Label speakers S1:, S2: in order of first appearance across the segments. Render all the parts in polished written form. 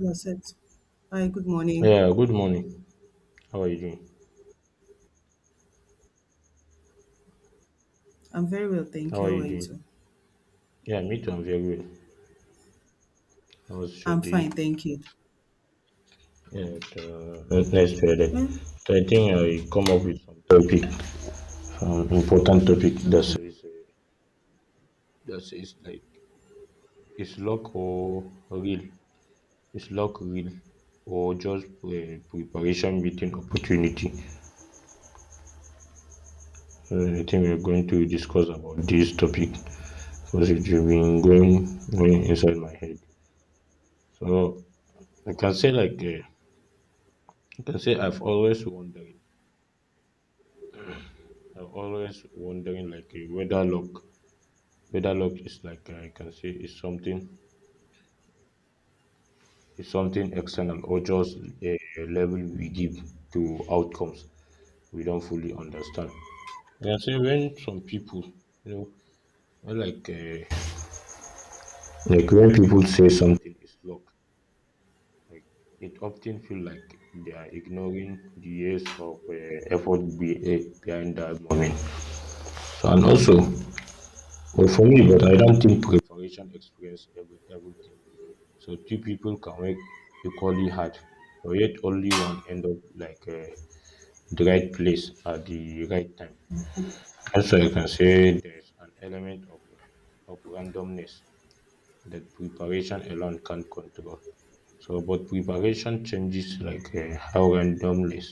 S1: You're set. Hi, good morning.
S2: Yeah, good morning. How are you doing?
S1: I'm very well, thank
S2: How
S1: you.
S2: are
S1: How are
S2: you
S1: you too?
S2: doing? Yeah, me too. I'm very well. How was your
S1: I'm fine,
S2: day
S1: thank you.
S2: at next Friday.
S1: Mm,
S2: So I think I come up with some topic, important topic
S1: okay.
S2: that says like is luck or real? Is luck real or just preparation meeting opportunity? I think we're going to discuss about this topic because it's been going inside my head. So I can say like. I can say I've always wondering. I've always wondering like whether luck is like I can say is something external or just a level we give to outcomes we don't fully understand. I can say when some people, you know, when like when people say something is luck, like it often feel like they are ignoring the years of effort behind that moment. So, and also well, for me, but I don't think preparation explains everything. So two people can work equally hard, so yet only one end up like the right place at the right time. Also, you can say there's an element of of randomness that preparation alone can't control. So, but preparation changes like how randomness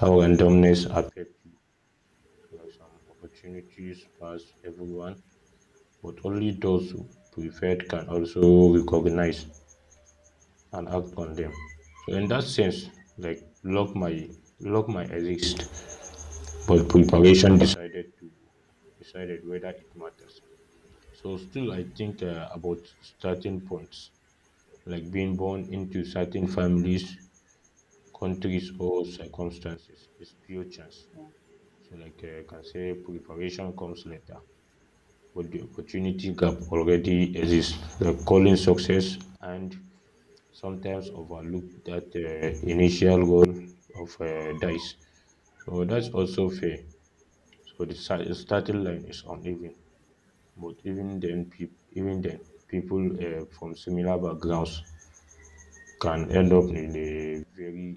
S2: how randomness affect you. Like some opportunities pass everyone. But only those who prepared can also recognize and act on them. So in that sense, like luck might exist, but preparation decided whether it matters. So still, I think about starting points, like being born into certain families, countries, or circumstances is pure chance. So like I can say, preparation comes later, but the opportunity gap already exists. Like calling success and sometimes overlook that initial goal of dice. So that's also fair. So the starting line is uneven, but even then, people from similar backgrounds can end up in a very,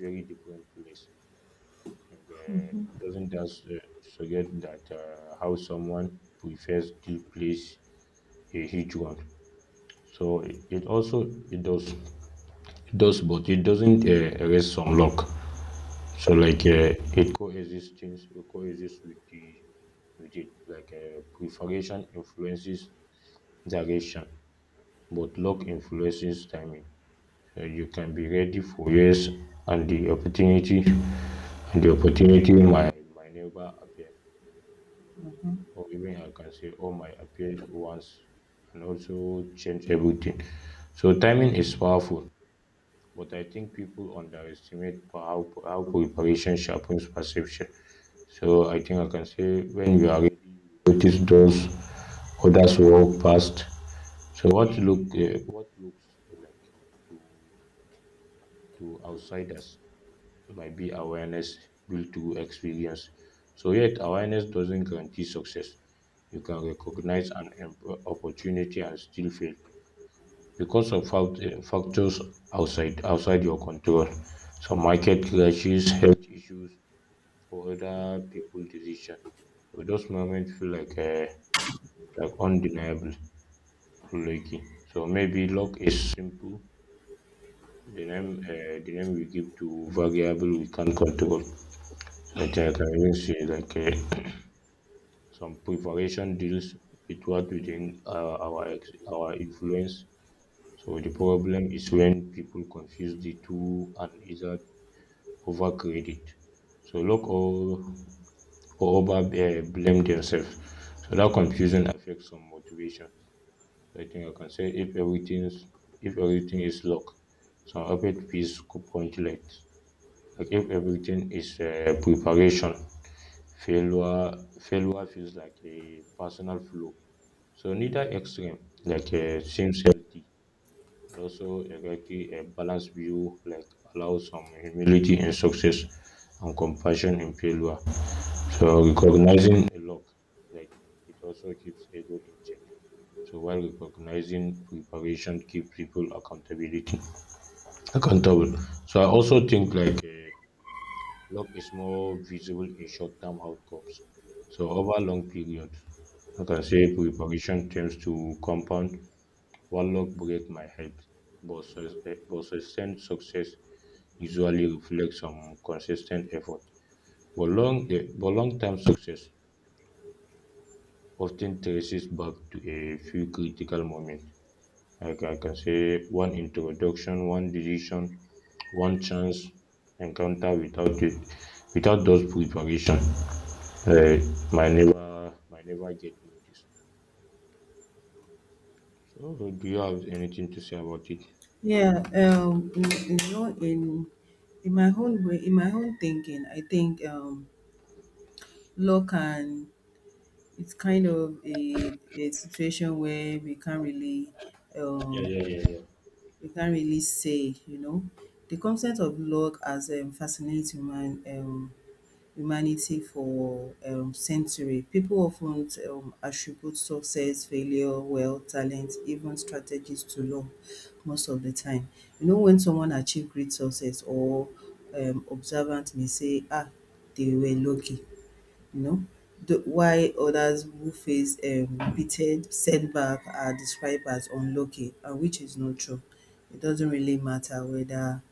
S2: very different place. Like, doesn't that suggest that how someone prefers to place a huge one? So it also it does, but it doesn't erase some luck. So like it coexists with it like preparation influences direction, but luck influences timing. So you can be ready for years, and the opportunity might never appear, or even I can say, oh, might appear once, and also change everything. So timing is powerful. But I think people underestimate how preparation sharpens perception. So I think I can say when you are ready, you notice those others walk past. So what looks like to outsiders might be awareness built through experience. So yet awareness doesn't guarantee success. You can recognize an opportunity and still fail because of factors outside your control. Some market crashes, health issues, or other people decision. So those moments feel like undeniable unlucky. So maybe luck is simple. The name we give to variable we can't control. So I think I can even say like some preparation deals with what within our our influence. So the problem is when people confuse the two and either over credit. So look or over blame themselves. So that confusion affects some motivation. So I think I can say if everything is luck, some rapid piece could point late. Like if everything is preparation, failure failure feels like a personal flaw. So neither extreme like seems healthy and also exactly a balanced view like allows some humility in success and compassion in failure. So recognizing a lack, like it also keeps ego in check. So while recognizing preparation keep people accountability accountable. So I also think like luck is more visible in short term outcomes. So over long periods, I can say preparation tends to compound warlock break my hype, but sustained success usually reflects some consistent effort. But long-term success often traces back to a few critical moments. Like I can say, one introduction, one decision, one chance encounter without it, without those preparation, uh, might never get noticed. So, do you have anything to say about it?
S1: Yeah, in my own way, in my own thinking, I think law can it's kind of a situation where we can't really
S2: Yeah,
S1: um,
S2: yeah, yeah, yeah,
S1: we can't really say, you know, the concept of law as fascinates human humanity for century. People often attribute success, failure, wealth, talent, even strategies to luck most of the time. You know, when someone achieve great success or observant may say, ah, they were lucky, you know, why others who face repeated setback are described as unlucky, which is not true. It doesn't really matter whether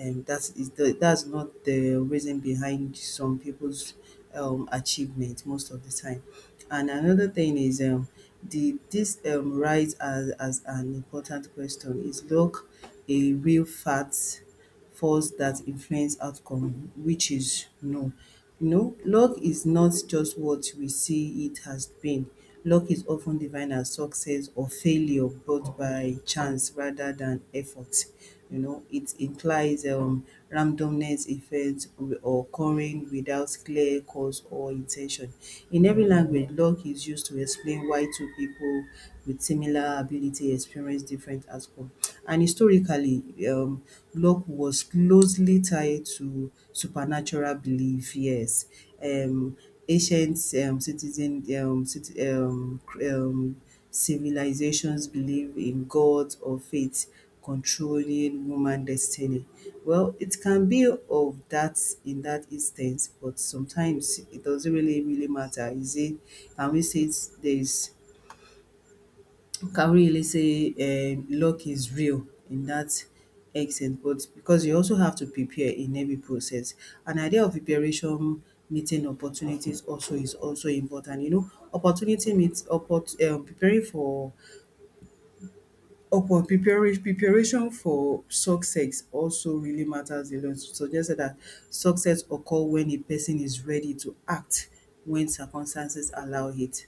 S1: that's not the reason behind some people's achievement most of the time. And another thing is the this rise as an important question: is luck a real fact force that influence outcome? Which is no. You know, luck is not just what we see it has been. Luck is often defined as success or failure brought by chance rather than effort. You know, it implies randomness events or occurring without clear cause or intention. In every language luck is used to explain why two people with similar ability experience different outcomes. And historically, um, luck was closely tied to supernatural belief. Yes, um, ancient citizen cit- cr- civilizations believe in gods or faith controlling woman destiny? Well, it can be of that in that instance, but sometimes it doesn't really really matter. Is it? Can we say it's, there's? Can we really say luck is real in that extent? But because you also have to prepare in every process, an idea of preparation meeting opportunities also is also important. You know, opportunity meets opport preparing for upon preparation, preparation for success also really matters a lot. Suggested that success occur when a person is ready to act, when circumstances allow it.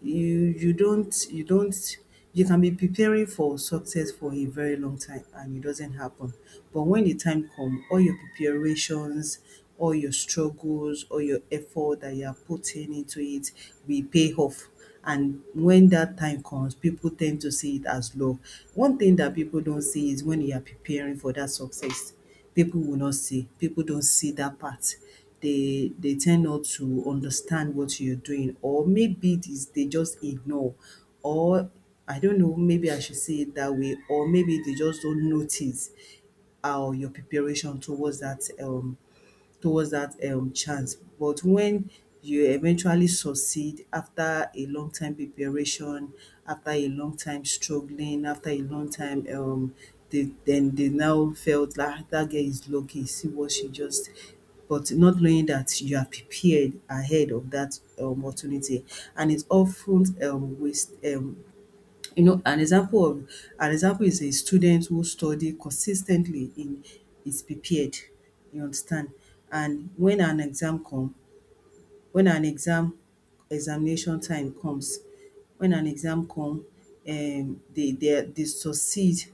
S1: You don't you can be preparing for success for a very long time and it doesn't happen. But when the time comes, all your preparations, all your struggles, all your effort that you are putting into it will pay off. And when that time comes, people tend to see it as low. One thing that people don't see is when you are preparing for that success, people will not see. People don't see that part. They tend not to understand what you're doing, or maybe it is they just ignore, or I don't know. Maybe I should say it that way, or maybe they just don't notice how your preparation towards that chance. But when you eventually succeed after a long time preparation, after a long time struggling, after a long time, then they now felt like that girl is lucky. See what she just but not knowing that you are prepared ahead of that opportunity and it's often waste you know, an example is a student who study consistently, in is prepared, you understand. And when an exam come, when an exam examination time comes, when an exam come dey they succeed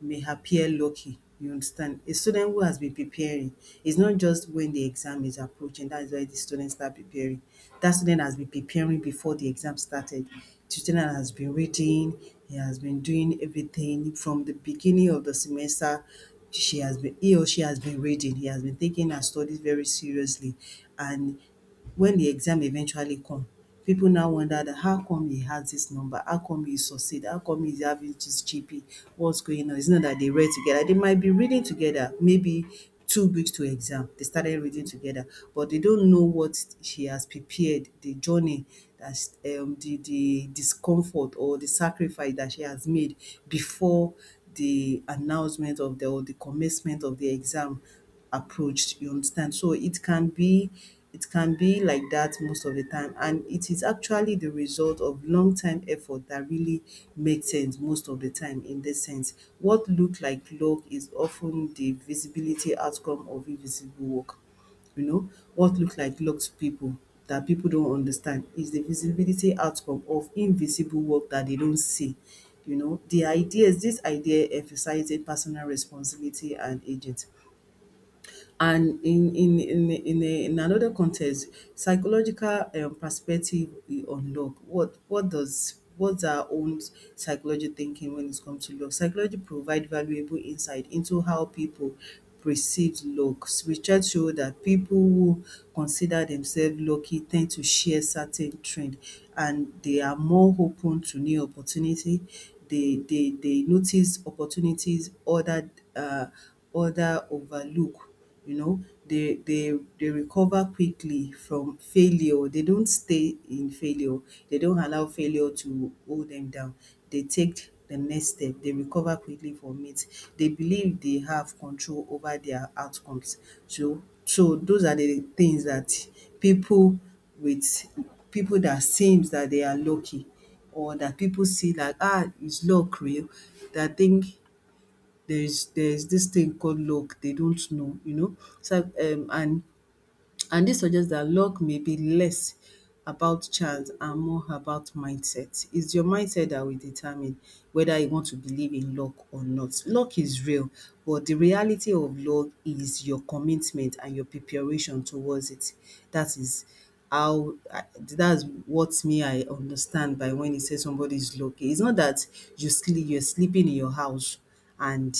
S1: may appear lucky, you understand. A student who has been preparing, is not just when the exam is approaching that is why the student start preparing. That student has been preparing before the exam started. The student has been reading, he has been doing everything from the beginning of the semester, she has been he or she has been reading, he has been taking her studies very seriously. And when the exam eventually come, people now wonder that how come he has this number? How come he succeed? How come he's having this GP? What's going on? It's not that they read together. They might be reading together, maybe 2 weeks to exam. They started reading together, but they don't know what she has prepared, the journey, the discomfort or the sacrifice that she has made before the announcement of the commencement of the exam approached, you understand. So it can be, it can be like that most of the time, and it is actually the result of long time effort that really makes sense most of the time. In this sense, what look like luck is often the visibility outcome of invisible work, you know. What look like luck to people, that people don't understand, is the visibility outcome of invisible work that they don't see, you know. The ideas this idea emphasizes personal responsibility and agent. And in in another context, psychological perspective we unlock. What's our own psychology thinking when it comes to luck? Psychology provide valuable insight into how people perceive luck. Research show that people who consider themselves lucky tend to share certain trend, and they are more open to new opportunity. They notice opportunities uh other overlook, you know. They recover quickly from failure, they don't stay in failure, they don't allow failure to hold them down. They take the next step, they recover quickly from it, they believe they have control over their outcomes. So those are the things that people with people that seems that they are lucky, or that people see like, ah, is luck real, that think there's this thing called luck, they don't know, you know. And this suggests that luck may be less about chance and more about mindset. It's your mindset that will determine whether you want to believe in luck or not. Luck is real, but the reality of luck is your commitment and your preparation towards it. That is that's what me I understand by when he says somebody is lucky. It's not that you're sleeping in your house and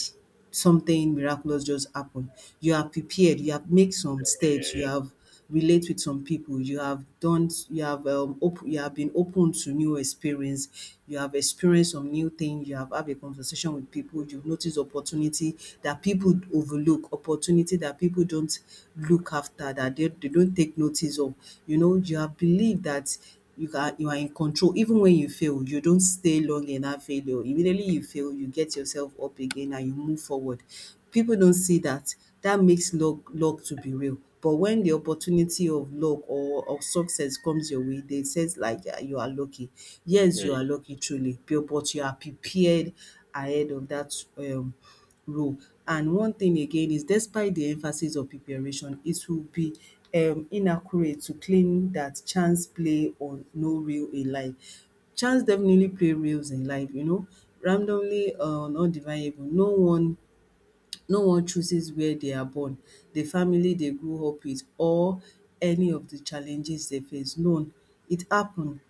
S1: something miraculous just happen. You are prepared, you have make some
S2: yeah, yeah, yeah,
S1: steps, you have relate with some people, you have you have been open to new experience, you have experienced some new thing, you have a conversation with people, you've noticed opportunity that people overlook, opportunity that people don't look after, that they don't take notice of. You know, you have believed that you are in control. Even when you fail, you don't stay long in that failure. Immediately you fail, you get yourself up again and you move forward. People don't see that, that makes luck luck to be real. But when the opportunity of luck or of success comes your way, they says like, ah, you are lucky. Yes,
S2: yeah,
S1: you are
S2: yeah,
S1: lucky truly, but you are prepared ahead of that role. And one thing again is, despite the emphasis of preparation, it will be inaccurate to claim that chance play or no real in life. Chance definitely play roles in life, you know. Randomly or not divine, no one, no one chooses where they are born, the family they grew up with, or any of the challenges they face. None. It happen.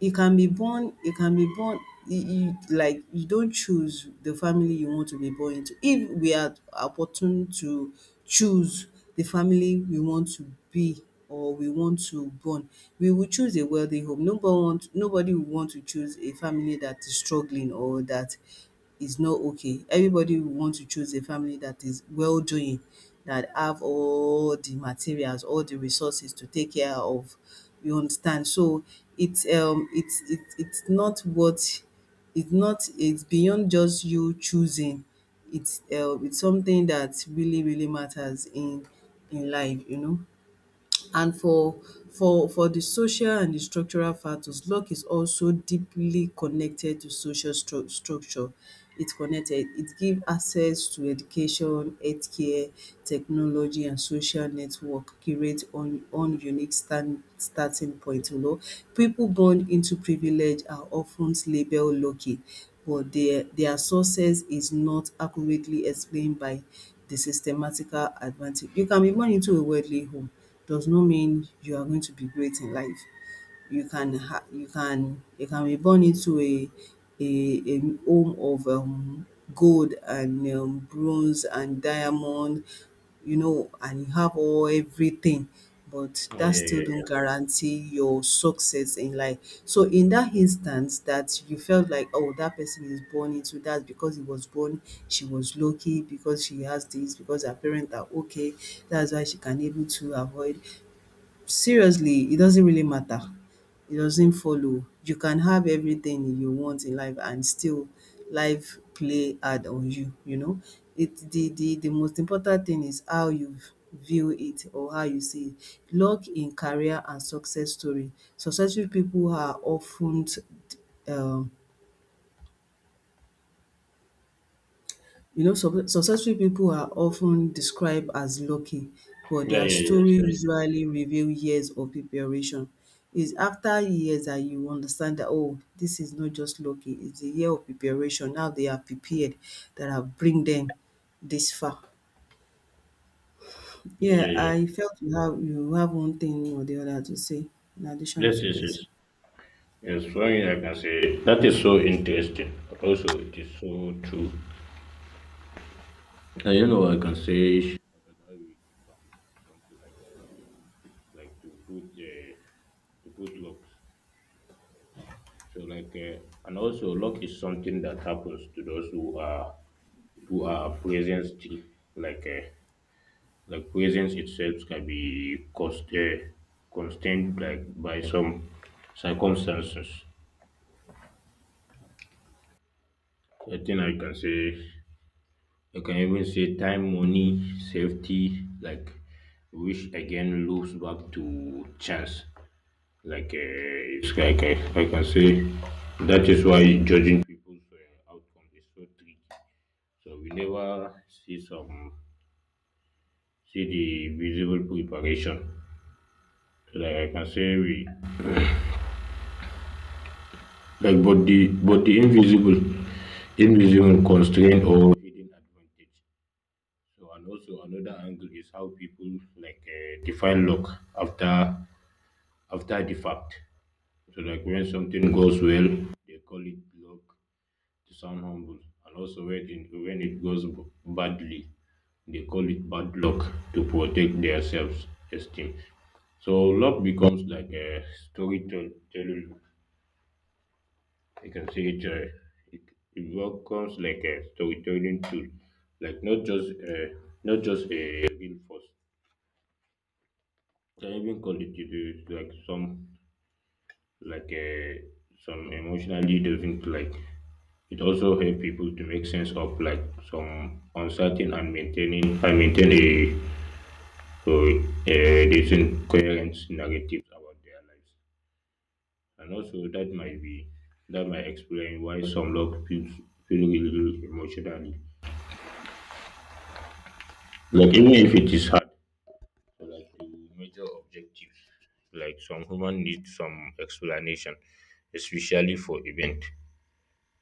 S1: You can be born you can be born you, you like you don't choose the family you want to be born into. If we are opportune to choose the family we want to be, or we want to born, we will choose a wealthy home. Nobody will want to choose a family that is struggling or that is not okay. Everybody will want to choose a family that is well doing, that have all the materials, all the resources to take care of. You understand? So it's not what it's not it's beyond just you choosing. It's something that really really matters in life, you know. And for the social and the structural factors, luck is also deeply connected to social structure. It's connected. It give access to education, healthcare, technology and social network create un un unique stand starting point, you know. Pipu born into privilege are often labelled lucky, but their success is not accurately explained by the systematical advantage. You can be born into a worldly home, does not mean you are going to be great in life. You can ha- you can be born into a home of gold and bronze and diamond, you know, and you have all everything, but
S2: yeah, yeah,
S1: that still
S2: yeah.
S1: don't
S2: Yeah.
S1: guarantee your success in life. So in that instance that you felt like, oh, that person is born into that because she was lucky because she has this, because her parents are okay, that's why she can able to avoid, seriously, it doesn't really matter. It doesn't follow. You can have everything you want in life and still life play hard on you, you know. It the most important thing is how you view it or how you see it. Luck in career and success story. Successful people are often. um, successful people are often described as lucky, but
S2: Yeah,
S1: their
S2: yeah, yes,
S1: story
S2: yes.
S1: usually reveal years of preparation. It's after years that you understand that, oh, this is not just lucky, it's a year of preparation. Now they are prepared that have bring them this far.
S2: Yeah,
S1: Yeah,
S2: yeah, yeah.
S1: I felt you have one thing or the other to say in addition
S2: Yes,
S1: to
S2: yes,
S1: this.
S2: yes. Yes, flowing, I can say that is so interesting. Also, it is so true. And I can say I can have it some- something like like to put uh, to put locks. So like, and also luck is something that happens to those who are present still. Like uh, like presence itself can be cost constrained like by some circumstances. I think I can say. You can even say time, money, safety, like which again loops back to chance. Like it's like I can say that is why judging people's outcome is so tricky. So we never see the visible preparation. So like I can say we like but the invisible constraint or hidden advantage. So and also another angle is how people like define luck after after the fact. So like when something goes well, they call it luck to sound humble. And also when it goes badly, they call it bad luck to protect their self-esteem. So luck becomes like a storytelling. You can say it, it becomes like a storytelling tool, like not just not just a real force. Can even call it is like some like a some emotional leaders into like. It also helps people to make sense of like some uncertain and maintain a decent coherent narrative about their lives. And also that might explain why some love feel really emotionally. Like even if it is hard to like to major objectives. Like some human need some explanation, especially for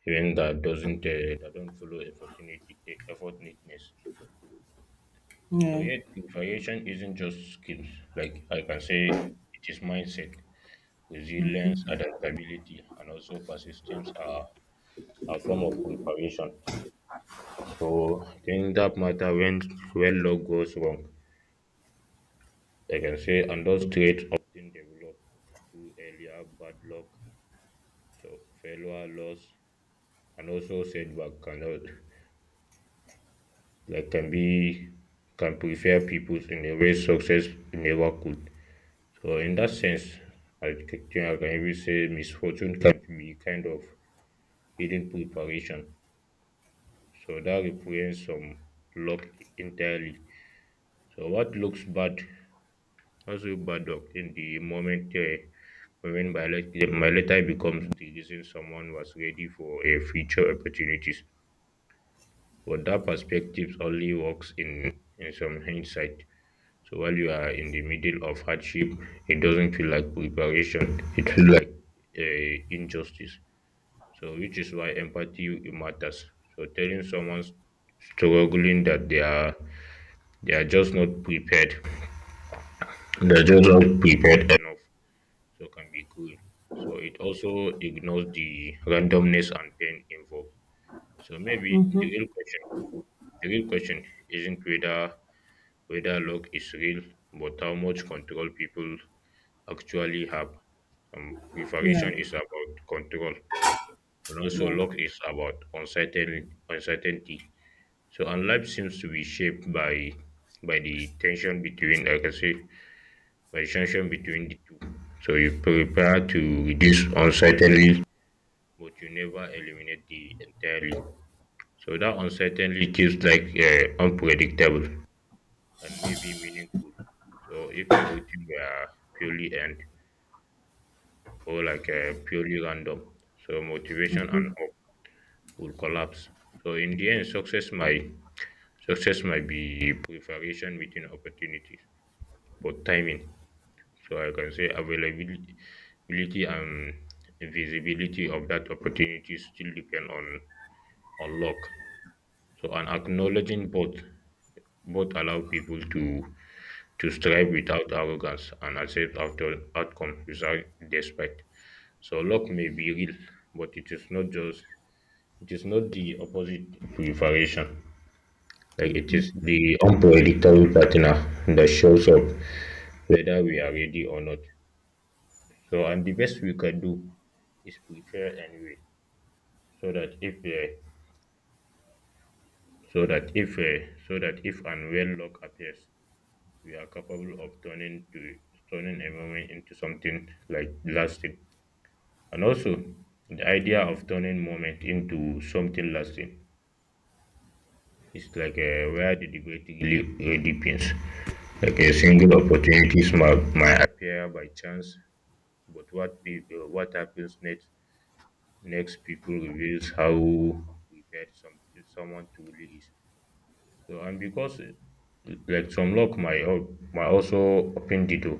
S2: event that doesn't that don't follow effort neatness. So
S1: Yeah.
S2: yet variation isn't just skills. Like I can say it is mindset, resilience, adaptability, and also persistence are a form of preparation. So things that matter when luck goes wrong. I can say and those traits often develop through earlier bad luck. So failure, loss, and also setback cannot like can be can prepare people in a way success never could. So, in that sense, I think I can even say misfortune can be kind of hidden preparation. So that represents some luck entirely. So what looks bad, also bad luck in the moment when my letter becomes the reason someone was ready for a future opportunities. But that perspective only works in some hindsight. So while you are in the middle of hardship, it doesn't feel like preparation. It feels like injustice. So which is why empathy matters. So telling someone struggling that they are just not prepared, they are just not prepared enough. So can be cruel. So it also ignores the randomness and pain involved. So maybe
S1: Mhm.
S2: the real question isn't whether luck is real, but how much control people actually have.
S1: Yeah.
S2: Preparation is about control, and also
S1: Yeah.
S2: luck is about uncertainty. So, and life seems to be shaped by the tension between the two. So you prepare to reduce uncertainty, but you never eliminate the entirely. So that uncertainty keeps like unpredictable and maybe meaningful. So if everything were purely and purely random, so motivation and hope will collapse. So in the end, success might be preparation, meeting opportunities, but timing. So I can say availability and visibility of that opportunity still depend on luck. So and acknowledging both allow people to strive without arrogance and accept after outcome without despite. So luck may be real, but it is not the opposite preparation. Like it is the unpredictable partner that shows up whether we are ready or not. So and the best we can do is prepare anyway, so that if uh, so that if and when luck appears, we are capable of turning a moment into something like lasting. And also the idea of turning moment into something lasting is like where the debate really depends. Like a single opportunity might appear by chance. But what happens next people reveals how prepared someone truly is. So and because like some luck might might also open the door,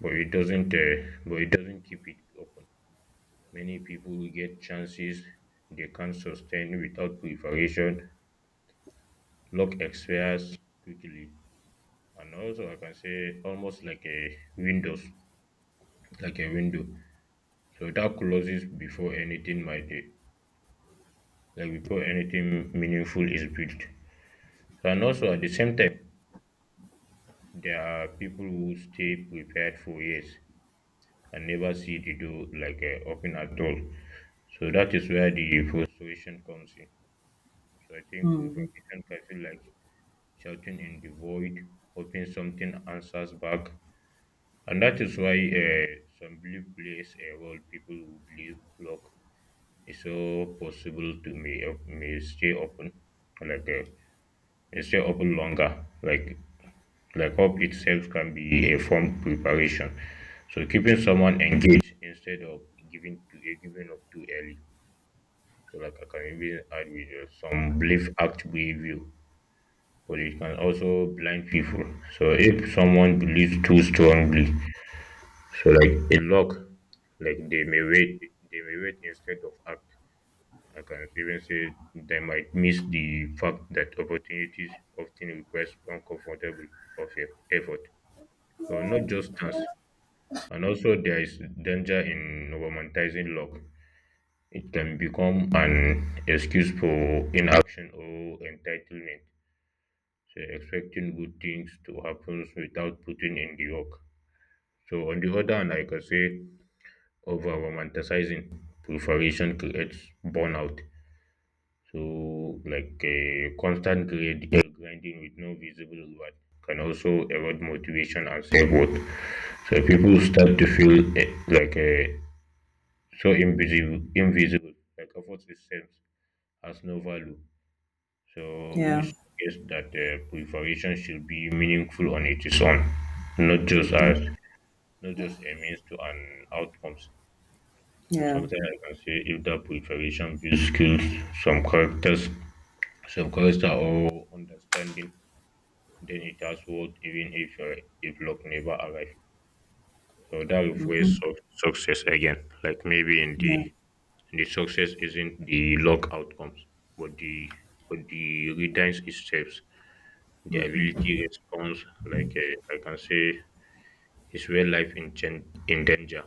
S2: but it doesn't uh, but it doesn't keep it open. Many people get chances they can't sustain without preparation. Luck expires quickly, and also I can say almost like a windows, like a window. So that closes before anything might like before anything meaningful is built. And also at the same time, there are people who stay prepared for years and never see the door like open at all. So that is where the frustration comes in. So I think
S1: Mhm.
S2: preparation can feel like shouting in the void, hoping something answers back. And that is why some belief plays a role. People who believe luck is so possible to may stay open, like may stay open longer. Like hope itself can be a form of preparation. So keeping someone engaged instead of giving to a giving up too early. So like I can even add with some belief act behavior, but it can also blind people. So if someone believes too strongly, so like a lock, like they may wait instead of act. I can even say they might miss the fact that opportunities often request uncomfortable effort. So not just chance. And also there is danger in romanticizing love. It can become an excuse for inaction or entitlement. So expecting good things to happen without putting in the work. So on the other hand, like I can say over romanticizing preparation creates burnout. So like a constant grinding with no visible reward can also erode motivation and self worth. So people start to feel like a so invisible like effort itself has no value. So we
S1: Yeah.
S2: suggest that preparation should be meaningful on its own, not just as not just a means to an outcomes. So
S1: Yeah.
S2: sometimes I can say if that preparation builds skills, some characters some character or understanding, then it has worth even if luck never arrive. So that refers
S1: Mhm.
S2: of success again, like maybe in
S1: Yeah.
S2: the success isn't the log outcomes, but the readiness itself, the
S1: Mhm.
S2: ability response. Like I can say, it's where life in in danger.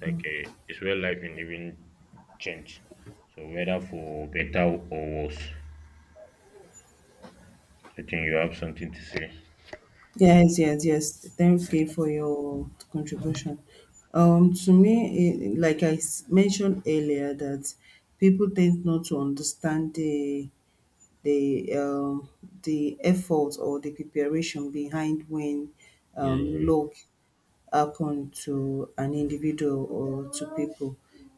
S2: Like it's where life in even change. So whether for better or worse, I think you have something to say.
S1: Yes, yes, yes. Thank you for your contribution. To me, eh, like I mentioned earlier, that people tend not to understand the um, the effort or the preparation behind when
S2: Yeah, yeah,
S1: luck happen to an individual or to people.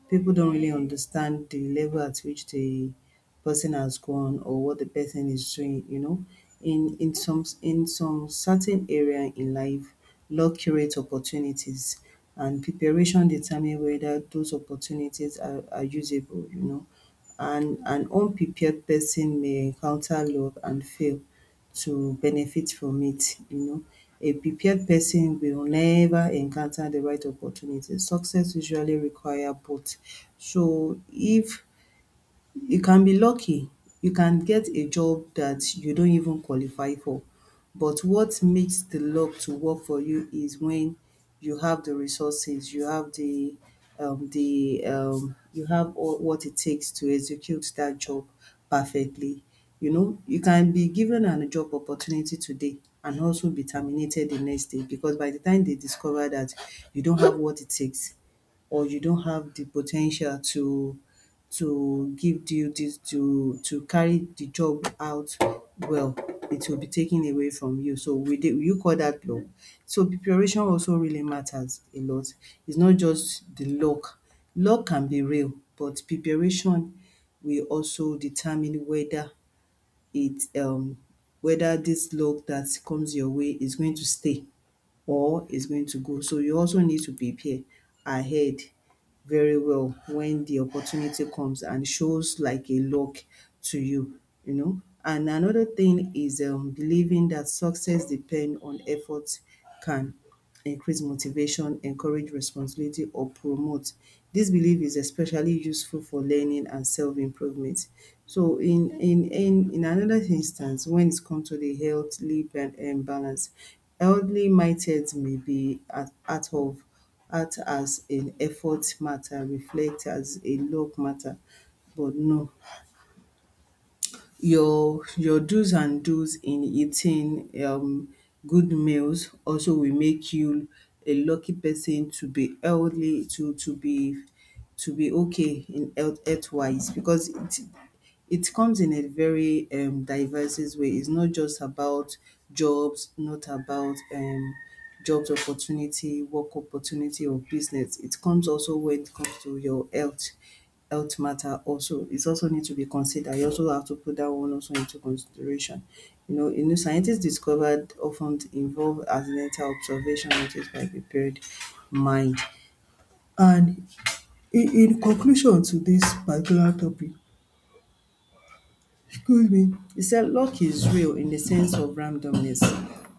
S1: People don't really understand the level at which the person has gone or what the person is doing, you know. In some certain area in life, luck creates opportunities and preparation determine whether those opportunities are usable, you know. And an unprepared person may encounter luck and fail to benefit from it, you know. A prepared person will never encounter the right opportunity. Success usually require both. So if you can be lucky, you can get a job that you don't even qualify for, but what makes the luck to work for you is when you have the resources, you have the you have all what it takes to execute that job perfectly. You know, you can be given a job opportunity today and also be terminated the next day because by the time they discover that you don't have what it takes, or you don't have the potential to give duties to carry the job out well, it will be taken away from you. So we did. You call that luck? So preparation also really matters a lot. It's not just the luck. Luck can be real but preparation will also determine whether it whether this luck that comes your way is going to stay or is going to go. So you also need to prepare ahead very well when the opportunity comes and shows like a lock to you, you know. And another thing is believing that success depend on effort can increase motivation, encourage responsibility or promote. This belief is especially useful for learning and self-improvement. So in another instance when it comes to the healthly balance, healthly mindset may be at of act as an effort matter, reflect as a luck matter but no your your do's and dos in eating good meals also will make you a lucky person to be healthy to be okay in health health wise because it comes in a very diverse way. It's not just about jobs, not about jobs opportunity, work opportunity or business. It comes also when it comes to your health, health matter also. It also need to be considered. You also have to put that one also into consideration. You know, a new scientist discovered often involve accidental observation noticed by prepared mind. And in conclusion to this particular topic, good evening. He said luck is real in the sense of randomness,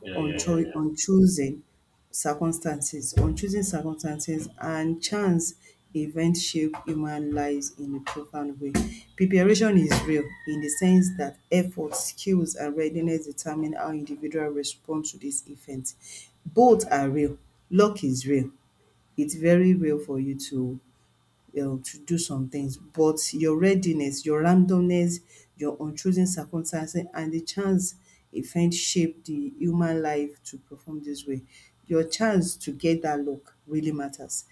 S2: yeah, yeah, yeah,
S1: uncho-
S2: yeah,
S1: unchosen unchosen circumstances and chance events shape human lives in a profound way. Preparation is real in the sense that effort, skills and readiness determine how individual respond to these events. Both are real. Luck is real. It's very real for you to do some things, but your readiness, your randomness, your unchosen circumstances, and the chance event shape the human life to perform this way. Your chance to get that luck really matters.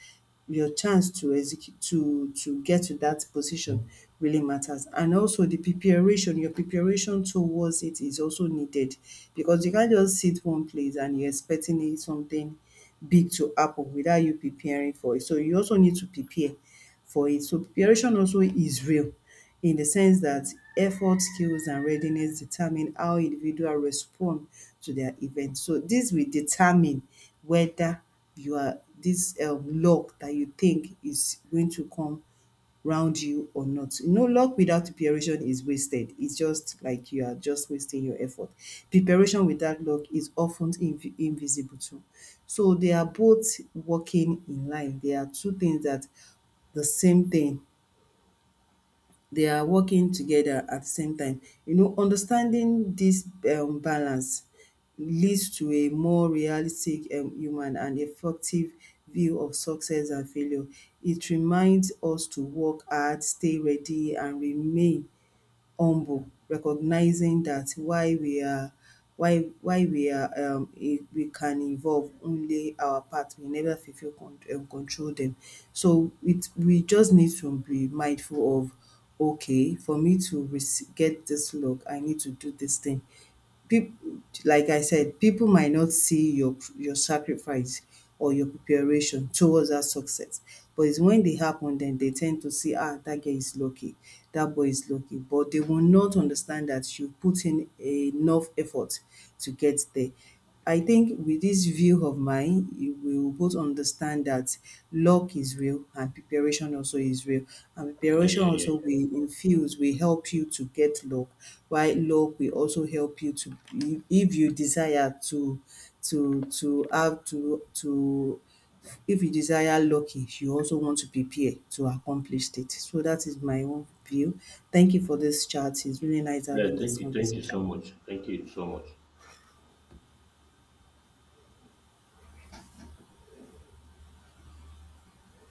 S1: Your chance to execute to get to that position really matters. And also the preparation, your preparation towards it is also needed because you can't just sit one place and you're expecting it something big to happen without you preparing for it. So you also need to prepare for it. So preparation also is real in the sense that effort, skills, and readiness determine how individual respond to their event. So this will determine whether you are this luck that you think is going to come round you or not. No luck without preparation is wasted. It's just like you are just wasting your effort. Preparation without luck is often invisible too. So they are both working in line. They are two things that the same thing they are working together at the same time. You know, understanding this balance leads to a more realistic human and effective view of success and failure. It reminds us to work hard, stay ready, and remain humble, recognizing that why we are we can evolve only our path. We never control them. So it we just need to be mindful of okay, for me to get this log, I need to do this thing peop- like I said, people might not see your sacrifice or your preparation towards that success. But it's when they happen, then they tend to see, ah, that girl is lucky, that boy is lucky. But they will not understand that you put in enough effort to get there. I think with this view of mine, you will both understand that luck is real and preparation also is real. And
S2: yeah,
S1: preparation
S2: yeah, yeah.
S1: also
S2: Yeah.
S1: will infuse, will help you to get luck, while luck will also help you to if you desire to have to if you desire lucky, you also want to prepare to accomplish it. So that is my own view. Thank you for this chat. It's really nice
S2: Yeah,
S1: having this
S2: thank you, thank you so
S1: conversation.
S2: much, thank you so much.